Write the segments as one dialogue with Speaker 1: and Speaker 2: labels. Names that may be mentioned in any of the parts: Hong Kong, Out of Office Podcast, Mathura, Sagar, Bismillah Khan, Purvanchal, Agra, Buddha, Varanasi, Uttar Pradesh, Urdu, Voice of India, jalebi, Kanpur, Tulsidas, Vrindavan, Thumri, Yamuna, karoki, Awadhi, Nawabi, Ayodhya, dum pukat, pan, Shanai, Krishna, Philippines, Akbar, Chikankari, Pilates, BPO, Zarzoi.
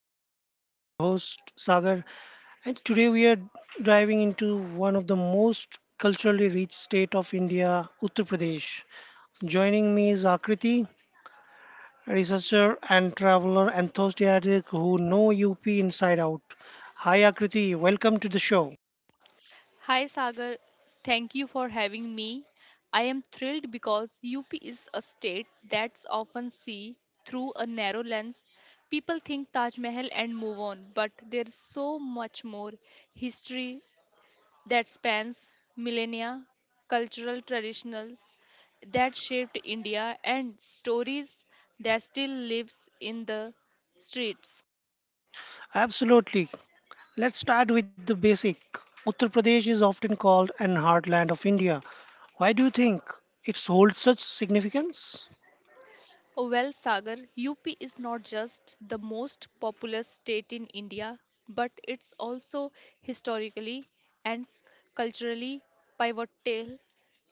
Speaker 1: Voice of India. I'm your host Sagar, and today we are diving into one of the most culturally rich state of India, Uttar Pradesh. Joining me is Akriti, a researcher and traveler enthusiastic who know UP inside out. Hi Akriti, welcome to the show.
Speaker 2: Hi Sagar, thank you for having me. I am thrilled because UP is a state that's often seen through a narrow lens. People think Taj Mahal and move on, but there's so much more history that spans millennia, cultural traditions that shaped India, and stories that still lives in the streets.
Speaker 1: Absolutely. Let's start with the basic. Uttar Pradesh is often called an heartland of India. Why do you think it holds such significance?
Speaker 2: Well, Sagar, UP is not just the most populous state in India, but it's also historically and culturally pivotal.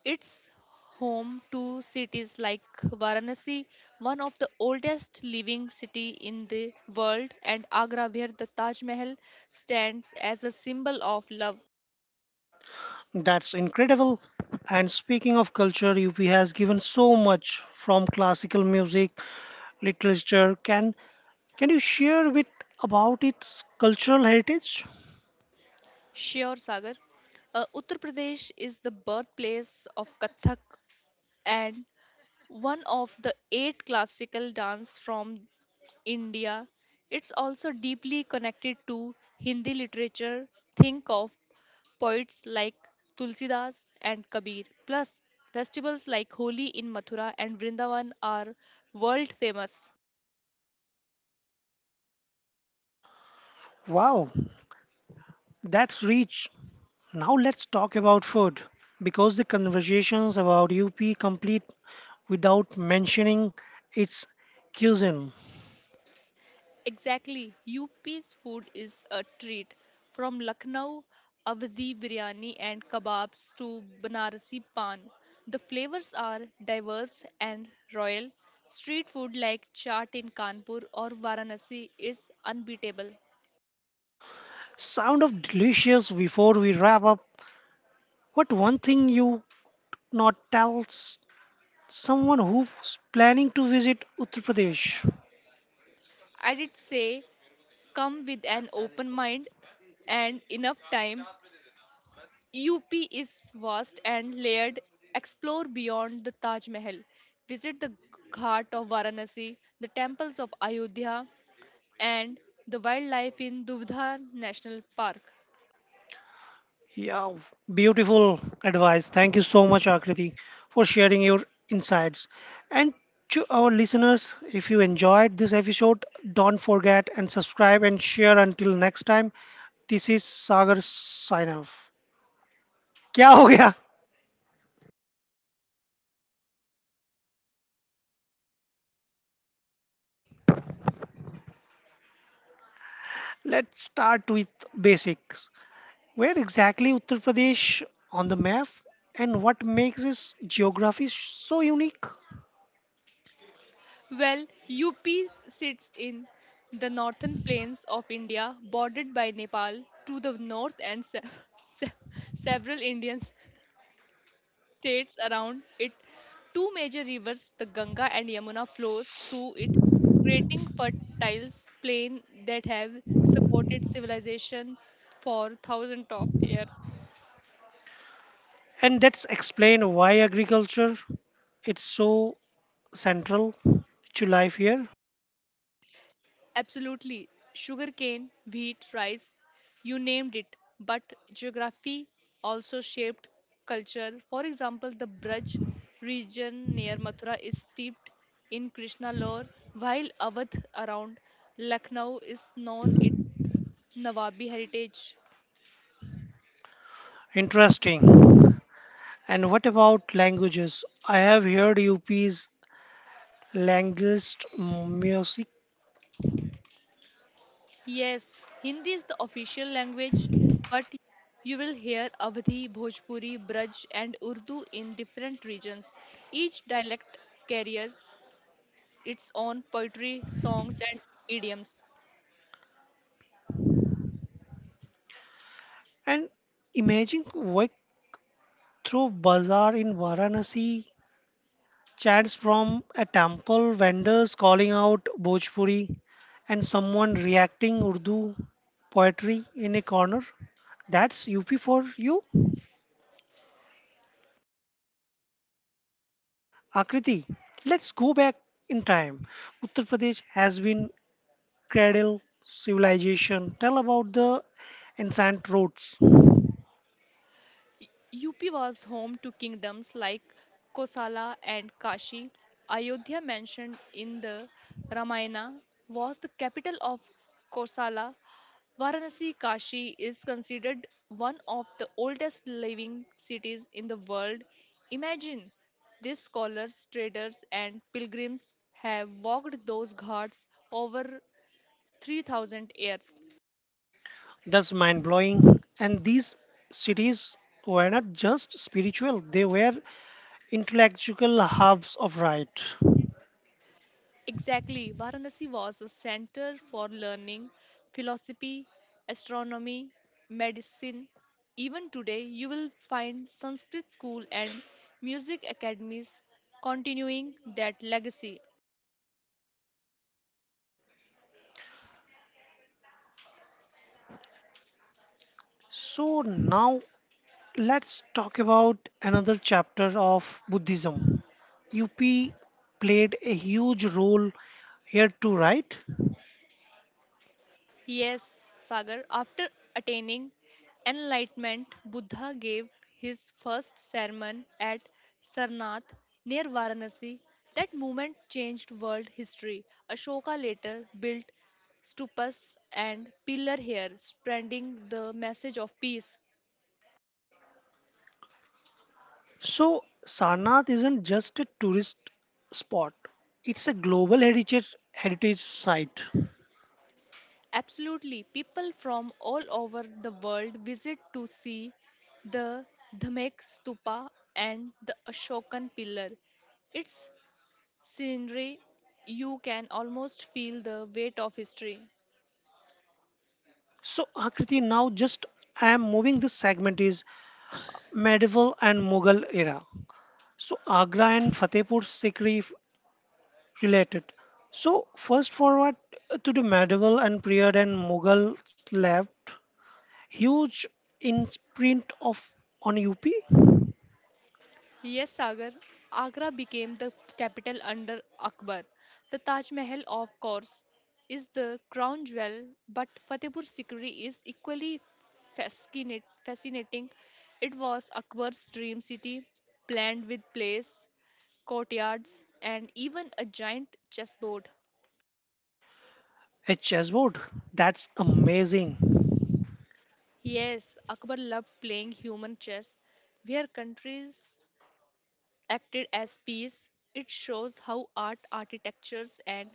Speaker 2: It's home to cities like Varanasi, one of the oldest living city in the world, and Agra, where the Taj Mahal stands as a symbol of love.
Speaker 1: That's incredible. And speaking of culture, UP has given so much from classical music, literature. Can you share a bit about its cultural heritage?
Speaker 2: Sure, Sagar. Uttar Pradesh is the birthplace of Kathak and one of the eight classical dance from India. It's also deeply connected to Hindi literature. Think of poets like Tulsidas and Kabir. Plus, festivals like Holi in Mathura and Vrindavan are world famous.
Speaker 1: Wow, that's rich. Now let's talk about food because the conversations about UP complete without mentioning its cuisine.
Speaker 2: Exactly. UP's food is a treat. From Lucknow Awadhi biryani and kebabs to Banarasi pan. The flavors are diverse and royal. Street food like chaat in Kanpur or Varanasi is unbeatable.
Speaker 1: Sound of delicious before we wrap up. What one thing you not tell?s Someone who's planning to visit Uttar Pradesh.
Speaker 2: I'd say come with an open mind and enough time. UP is vast and layered. Explore beyond the Taj Mahal. Visit the Ghat of Varanasi, the temples of Ayodhya, and the wildlife in Duvdhan National Park.
Speaker 1: Yeah, beautiful advice. Thank you so much, Akriti, for sharing your insights. And to our listeners, if you enjoyed this episode, don't forget and subscribe and share until next time. This is Sagar sign off. क्या हो गया? Let's start with basics. Where exactly Uttar Pradesh on the map and what makes its geography so unique?
Speaker 2: Well, UP sits in the northern plains of India, bordered by Nepal to the north and se- se- several Indians states around it. Two major rivers, the Ganga and Yamuna, flows through it, creating fertile plains that have supported civilization for thousands of years.
Speaker 1: And that's explain why agriculture it's so central to life here.
Speaker 2: Absolutely. Sugarcane, wheat, rice, you named it. But geography also shaped culture. For example, the Braj region near Mathura is steeped in Krishna lore, while Awadh around Lucknow is known it Nawabi heritage.
Speaker 1: Interesting. And what about languages? I have heard UP's language music
Speaker 2: Yes, Hindi is the official language, but you will hear Avadhi, Bhojpuri, Braj, and Urdu in different regions. Each dialect carries its own poetry, songs, and idioms.
Speaker 1: and imagine walk through bazaar in Varanasi, chants from a temple, vendors calling out Bhojpuri, and someone reacting Urdu poetry in a corner. That's UP for you? Akriti, let's go back in time. Uttar Pradesh has been cradle civilization. Tell about the ancient roads.
Speaker 2: UP was home to kingdoms like Kosala and Kashi. Ayodhya, mentioned in the Ramayana, was the capital of Kosala. Varanasi Kashi is considered one of the oldest living cities in the world. Imagine these scholars, traders, and pilgrims have walked those ghats over 3000 years.
Speaker 1: That's mind blowing. And these cities were not just spiritual; they were intellectual hubs of right.
Speaker 2: Exactly, Varanasi was a center for learning, philosophy, astronomy, medicine. Even today, you will find Sanskrit school and music academies continuing that legacy.
Speaker 1: So now let's talk about another chapter of Buddhism. UP played a huge role here too, right?
Speaker 2: Yes, Sagar, after attaining enlightenment, Buddha gave his first sermon at Sarnath near Varanasi. That movement changed world history. Ashoka later built stupas and pillar here, spreading the message of peace.
Speaker 1: So, Sarnath isn't just a tourist spot, it's a global heritage, heritage site.
Speaker 2: Absolutely, people from all over the world visit to see the Dhamek Stupa and the Ashokan pillar. It's scenery, you can almost feel the weight of history.
Speaker 1: So, Akriti, now just I am moving this segment is medieval and Mughal era. So, Agra and Fatehpur Sikri f- related. So, first forward to the medieval and period and Mughal left huge in print of on UP.
Speaker 2: Yes, Sagar, Agra became the capital under Akbar. The Taj Mahal, of course, is the crown jewel, but Fatehpur Sikri is equally fascinating. It was Akbar's dream city, planned with place, courtyards, and even a giant chessboard.
Speaker 1: A chessboard. That's amazing.
Speaker 2: Yes, Akbar loved playing human chess, where countries acted as piece. It shows how art, architectures, and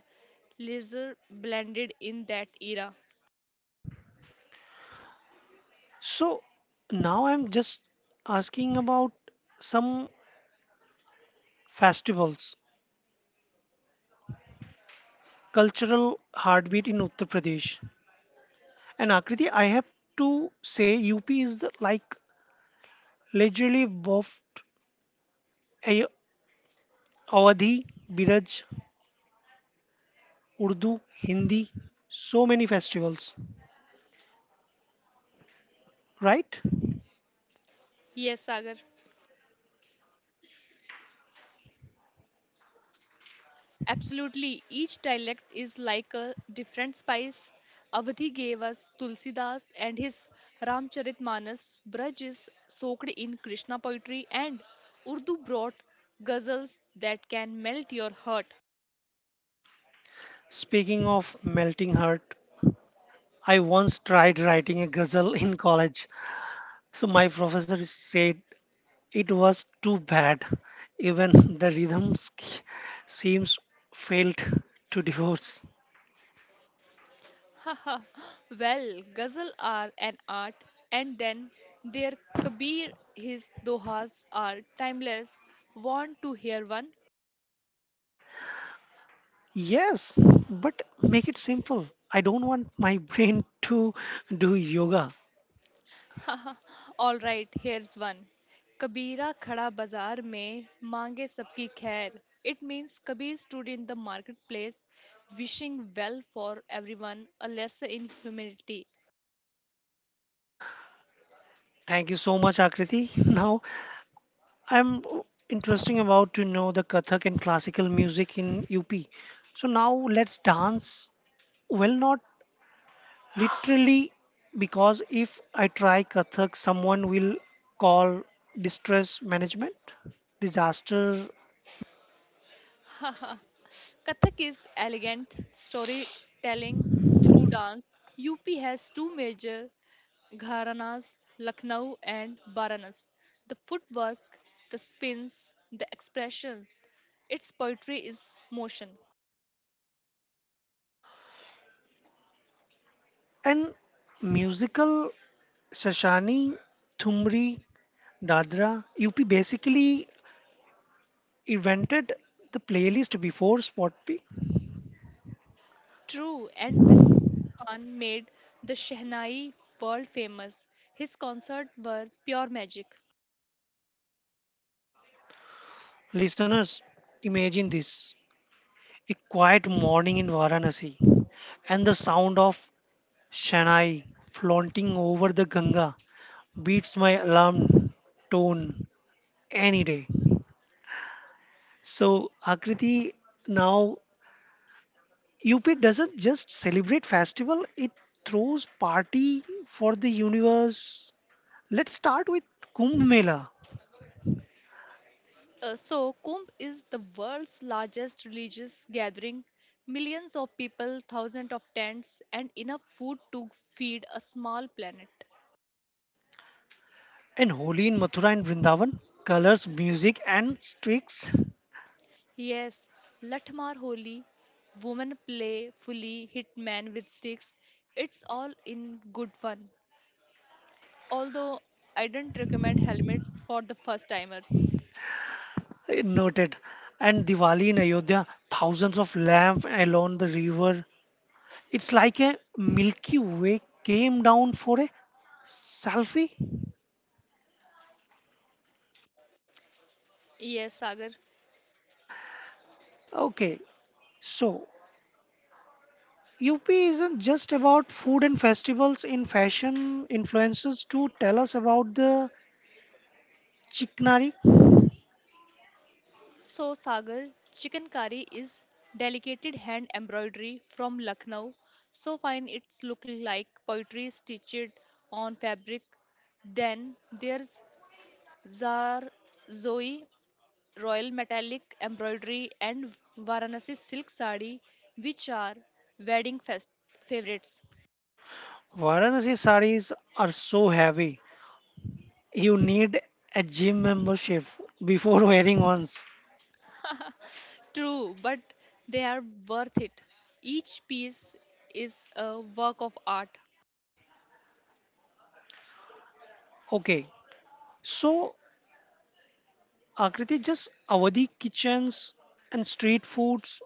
Speaker 2: leisure blended in that era.
Speaker 1: So now I'm just asking about some festivals, cultural heartbeat in Uttar Pradesh. And Akriti, I have to say UP is the, like literally buffed A- Awadhi, Biraj, Urdu, Hindi, so many festivals, right?
Speaker 2: Yes, Sagar. Absolutely. Each dialect is like a different spice. Avadhi gave us Tulsidas and his Ramcharitmanas. Braj is soaked in Krishna poetry, and Urdu brought ghazals that can melt your heart.
Speaker 1: Speaking of melting heart, I once tried writing a ghazal in college. So my professor said it was too bad. Even the rhythm sk- seems failed to divorce.
Speaker 2: Haha, well, ghazal are an art, and then their Kabir, his dohas are timeless. Want to hear one?
Speaker 1: Yes, but make it simple. I don't want my brain to do yoga.
Speaker 2: Haha, all right, here's one. Kabira khada bazaar mein mange sabki khair. It means Kabir stood in the marketplace wishing well for everyone, a lesson in humility.
Speaker 1: Thank you so much, Akriti. Now, I'm interesting about to know the Kathak and classical music in UP. So now let's dance. Well, not literally, because if I try Kathak, someone will call distress management, disaster,
Speaker 2: Kathak is elegant storytelling through dance. UP has two major gharanas, Lucknow and Varanasi. The footwork, the spins, the expression, its poetry is motion.
Speaker 1: and musical Shashani, Thumri, Dadra. UP basically invented the playlist before Spotify.
Speaker 2: True, and Bismillah Khan made the Shehnai world famous. His concerts were pure magic.
Speaker 1: Listeners, imagine this a quiet morning in Varanasi, and the sound of Shanai flaunting over the Ganga beats my alarm tone any day. So Akriti, now UP doesn't just celebrate festival; it throws party for the universe. Let's start with Kumbh Mela
Speaker 2: So, Kumbh is the world's largest religious gathering. Millions of people, thousands of tents, and enough food to feed a small planet.
Speaker 1: and Holi in Mathura and Vrindavan. Colors, music, and streaks
Speaker 2: Yes, Latmar Holi, women play fully hit man with sticks. It's all in good fun. Although I don't recommend helmets for the first timers.
Speaker 1: noted. And Diwali in Ayodhya, thousands of lamps along the river. It's like a Milky Way came down for a selfie.
Speaker 2: Yes, Sagar.
Speaker 1: Okay, so UP isn't just about food and festivals in fashion influencers too. Tell us about the Chiknari.
Speaker 2: So, Sagar, chicken curry is delicate hand embroidery from Lucknow. So fine, it's look like poetry stitched on fabric. Then there's Zarzoi royal metallic embroidery and Varanasi silk sari, which are wedding fest favorites.
Speaker 1: Varanasi saris are so heavy. You need a gym membership before wearing ones.
Speaker 2: True, but they are worth it. Each piece is a work of art.
Speaker 1: Okay, so Akriti just Awadhi kitchens and street foods.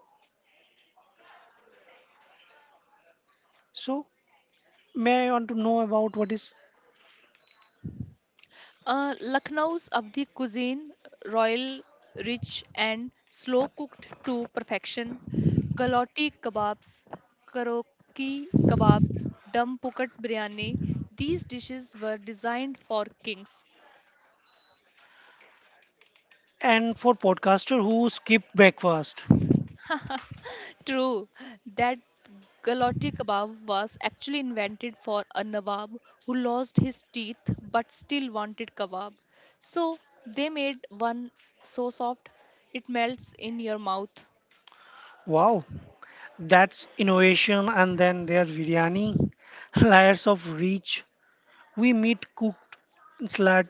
Speaker 1: So may I want to know about what is
Speaker 2: Lucknow's Abdi cuisine, royal, rich, and slow cooked to perfection. Galati kebabs, karoki kebabs, dum pukat biryani. These dishes were designed for kings.
Speaker 1: and for podcaster who skip breakfast.
Speaker 2: True, that galati kebab was actually invented for a nawab who lost his teeth but still wanted kebab. So they made one so soft it melts in your mouth.
Speaker 1: Wow, that's innovation, and then there biryani, layers of reach. We meet cooked slat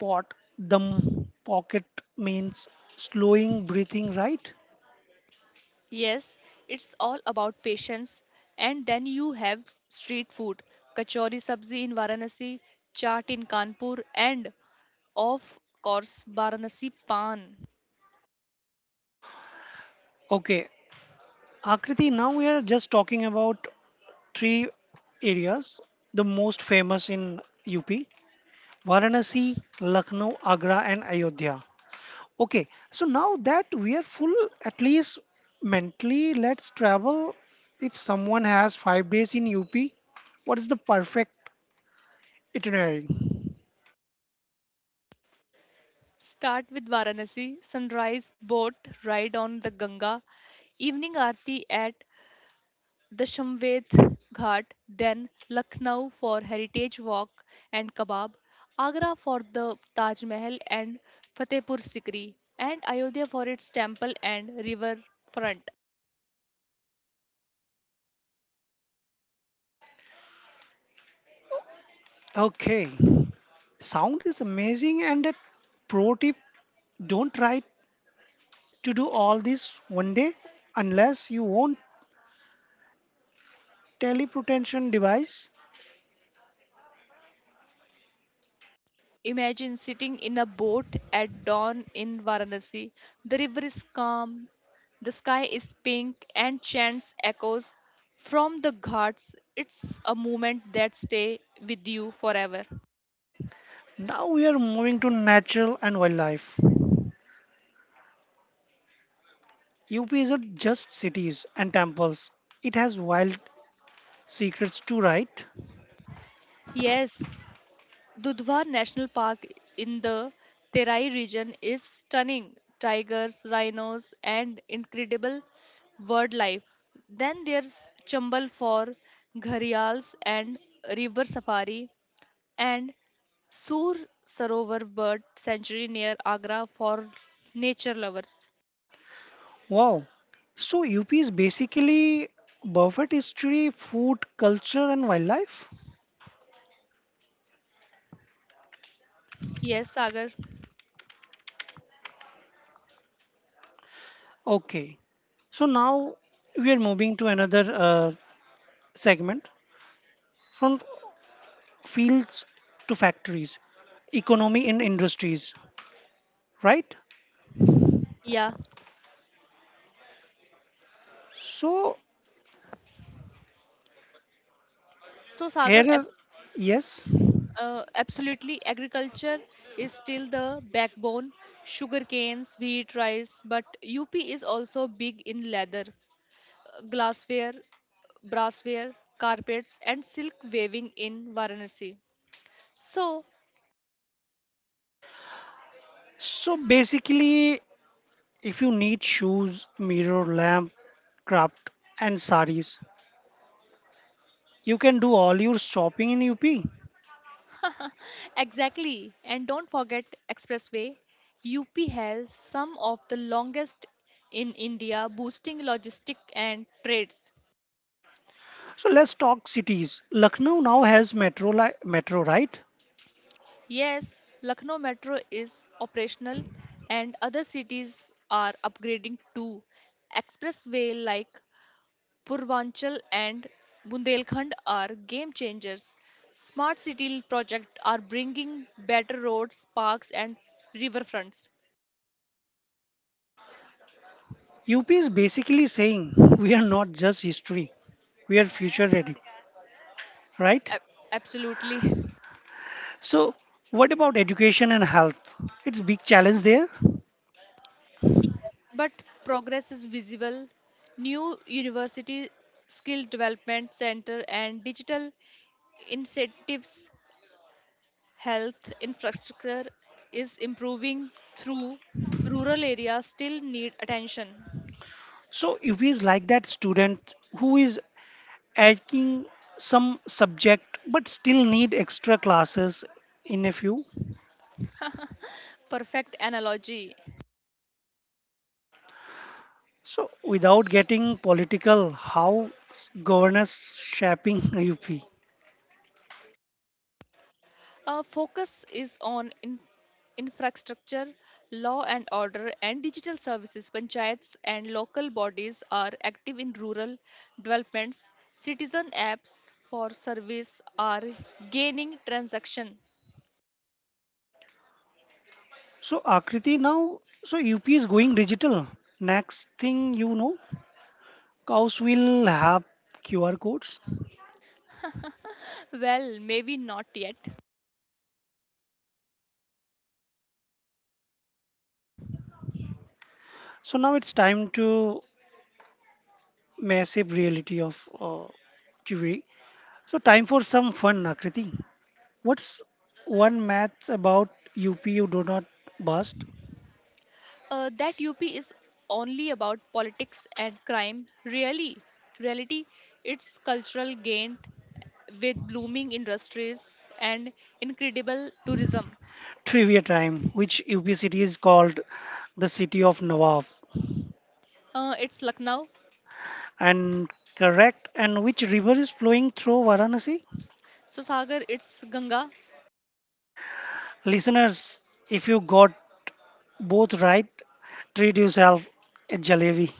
Speaker 1: pot, dum pocket means slowing breathing, right?
Speaker 2: Yes, it's all about patience. And then you have street food, kachori sabzi in Varanasi, chaat in Kanpur, and of course Varanasi pan.
Speaker 1: Okay, Akriti, now we are just talking about three areas, the most famous in UP Varanasi, Lucknow, Agra, and Ayodhya. Okay, so now that we are full, at least mentally, let's travel. If someone has 5 days in UP, what is the perfect itinerary?
Speaker 2: Start with Varanasi sunrise boat ride on the Ganga, evening aarti at The Dashamved Ghat, then Lucknow for Heritage Walk and Kebab, Agra for the Taj Mahal and Fatehpur Sikri, and Ayodhya for its temple and river front.
Speaker 1: Okay, sound is amazing. And a pro tip don't try to do all this one day unless you own teleportation device.
Speaker 2: Imagine sitting in a boat at dawn in Varanasi. The river is calm, the sky is pink, and chants echoes from the ghats. It's a moment that stay with you forever.
Speaker 1: Now we are moving to natural and wildlife. UP isn't just cities and temples, it has wild secrets too, right?
Speaker 2: Yes, Dudhwa National Park in the Terai region is stunning. Tigers, rhinos, and incredible wildlife. Then there's Chambal for gharials and river safari, and Sur Sarovar Bird Sanctuary near Agra for nature lovers.
Speaker 1: Wow. So UP is basically buffet history, food, culture, and wildlife.
Speaker 2: Yes, Sagar.
Speaker 1: Okay. So now we are moving to another segment from fields to factories, economy and industries, right?
Speaker 2: Yeah.
Speaker 1: So
Speaker 2: So,
Speaker 1: here
Speaker 2: Sagar,
Speaker 1: is yes.
Speaker 2: Absolutely, agriculture is still the backbone. Sugar canes, wheat, rice, but UP is also big in leather, glassware, brassware, carpets, and silk weaving in Varanasi. So,
Speaker 1: So basically, if you need shoes, mirror, lamp, craft, and saris, you can do all your shopping in UP.
Speaker 2: exactly, and don't forget expressway. UP has some of the longest in India, boosting logistic and trades.
Speaker 1: So let's talk cities. Lucknow now has metro, li- metro right?
Speaker 2: Yes, Lucknow Metro is operational and other cities are upgrading too. Expressway like Purvanchal and Bundelkhand are game changers. Smart city project are bringing better roads, parks and riverfronts.
Speaker 1: UP is basically saying we are not just history, we are future ready, right?
Speaker 2: A- absolutely.
Speaker 1: So what about education and health? It's big challenge there.
Speaker 2: Yes, but progress is visible. New university skill development center and digital incentives health infrastructure is improving through rural areas still need attention
Speaker 1: So UP is like that student who is taking some subject but still need extra classes in a few.
Speaker 2: perfect analogy.
Speaker 1: So without getting political, how governance shaping UP?
Speaker 2: A focus is on infrastructure law and order and digital services panchayats and local bodies are active in rural developments citizen apps for service are gaining transaction.
Speaker 1: So Akriti now, so UP is going digital. Next thing you know, cows will have QR codes.
Speaker 2: Well, maybe not yet.
Speaker 1: So now it's time to massive reality of TV. So time for some fun, Akriti. What's one math about UP you do not bust?
Speaker 2: That UP is only about politics and crime. Really, reality, it's cultural gain with blooming industries and incredible tourism.
Speaker 1: Trivia time, which UP city is called the city of Nawab.
Speaker 2: It's Lucknow.
Speaker 1: And correct, and which river is flowing through Varanasi?
Speaker 2: So Sagar, it's Ganga.
Speaker 1: Listeners, if you got both right. Treat yourself a jalebi.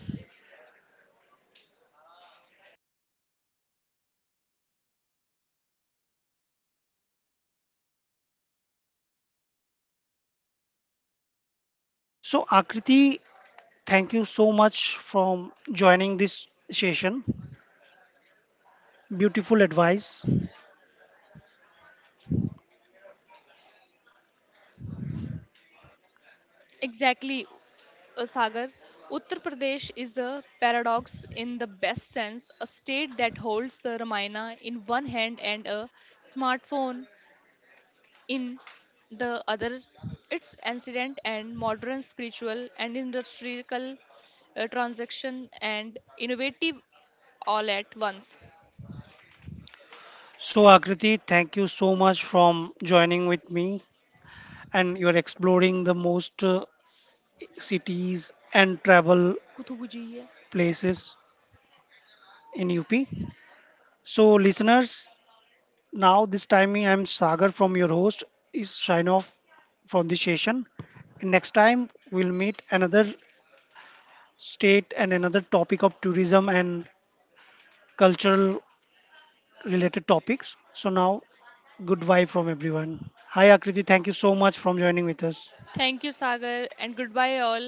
Speaker 1: So Akriti, thank you so much from joining this session. Beautiful advice.
Speaker 2: Exactly, Sagar. Uttar Pradesh is a paradox in the best sense, a state that holds the Ramayana in one hand and a smartphone in the other its ancient and modern spiritual and industrial transaction and innovative all at once.
Speaker 1: So Akriti, thank you so much from joining with me and you're exploring the most cities and travel
Speaker 2: Kutubu ji,
Speaker 1: places in UP. So listeners, now this time I'm Sagar from your host is sign off from this session. Next time we'll meet another state and another topic of tourism and cultural related topics. So now, goodbye from everyone. Hi Akriti, thank you so much for joining with us.
Speaker 2: thank you sagar and goodbye all.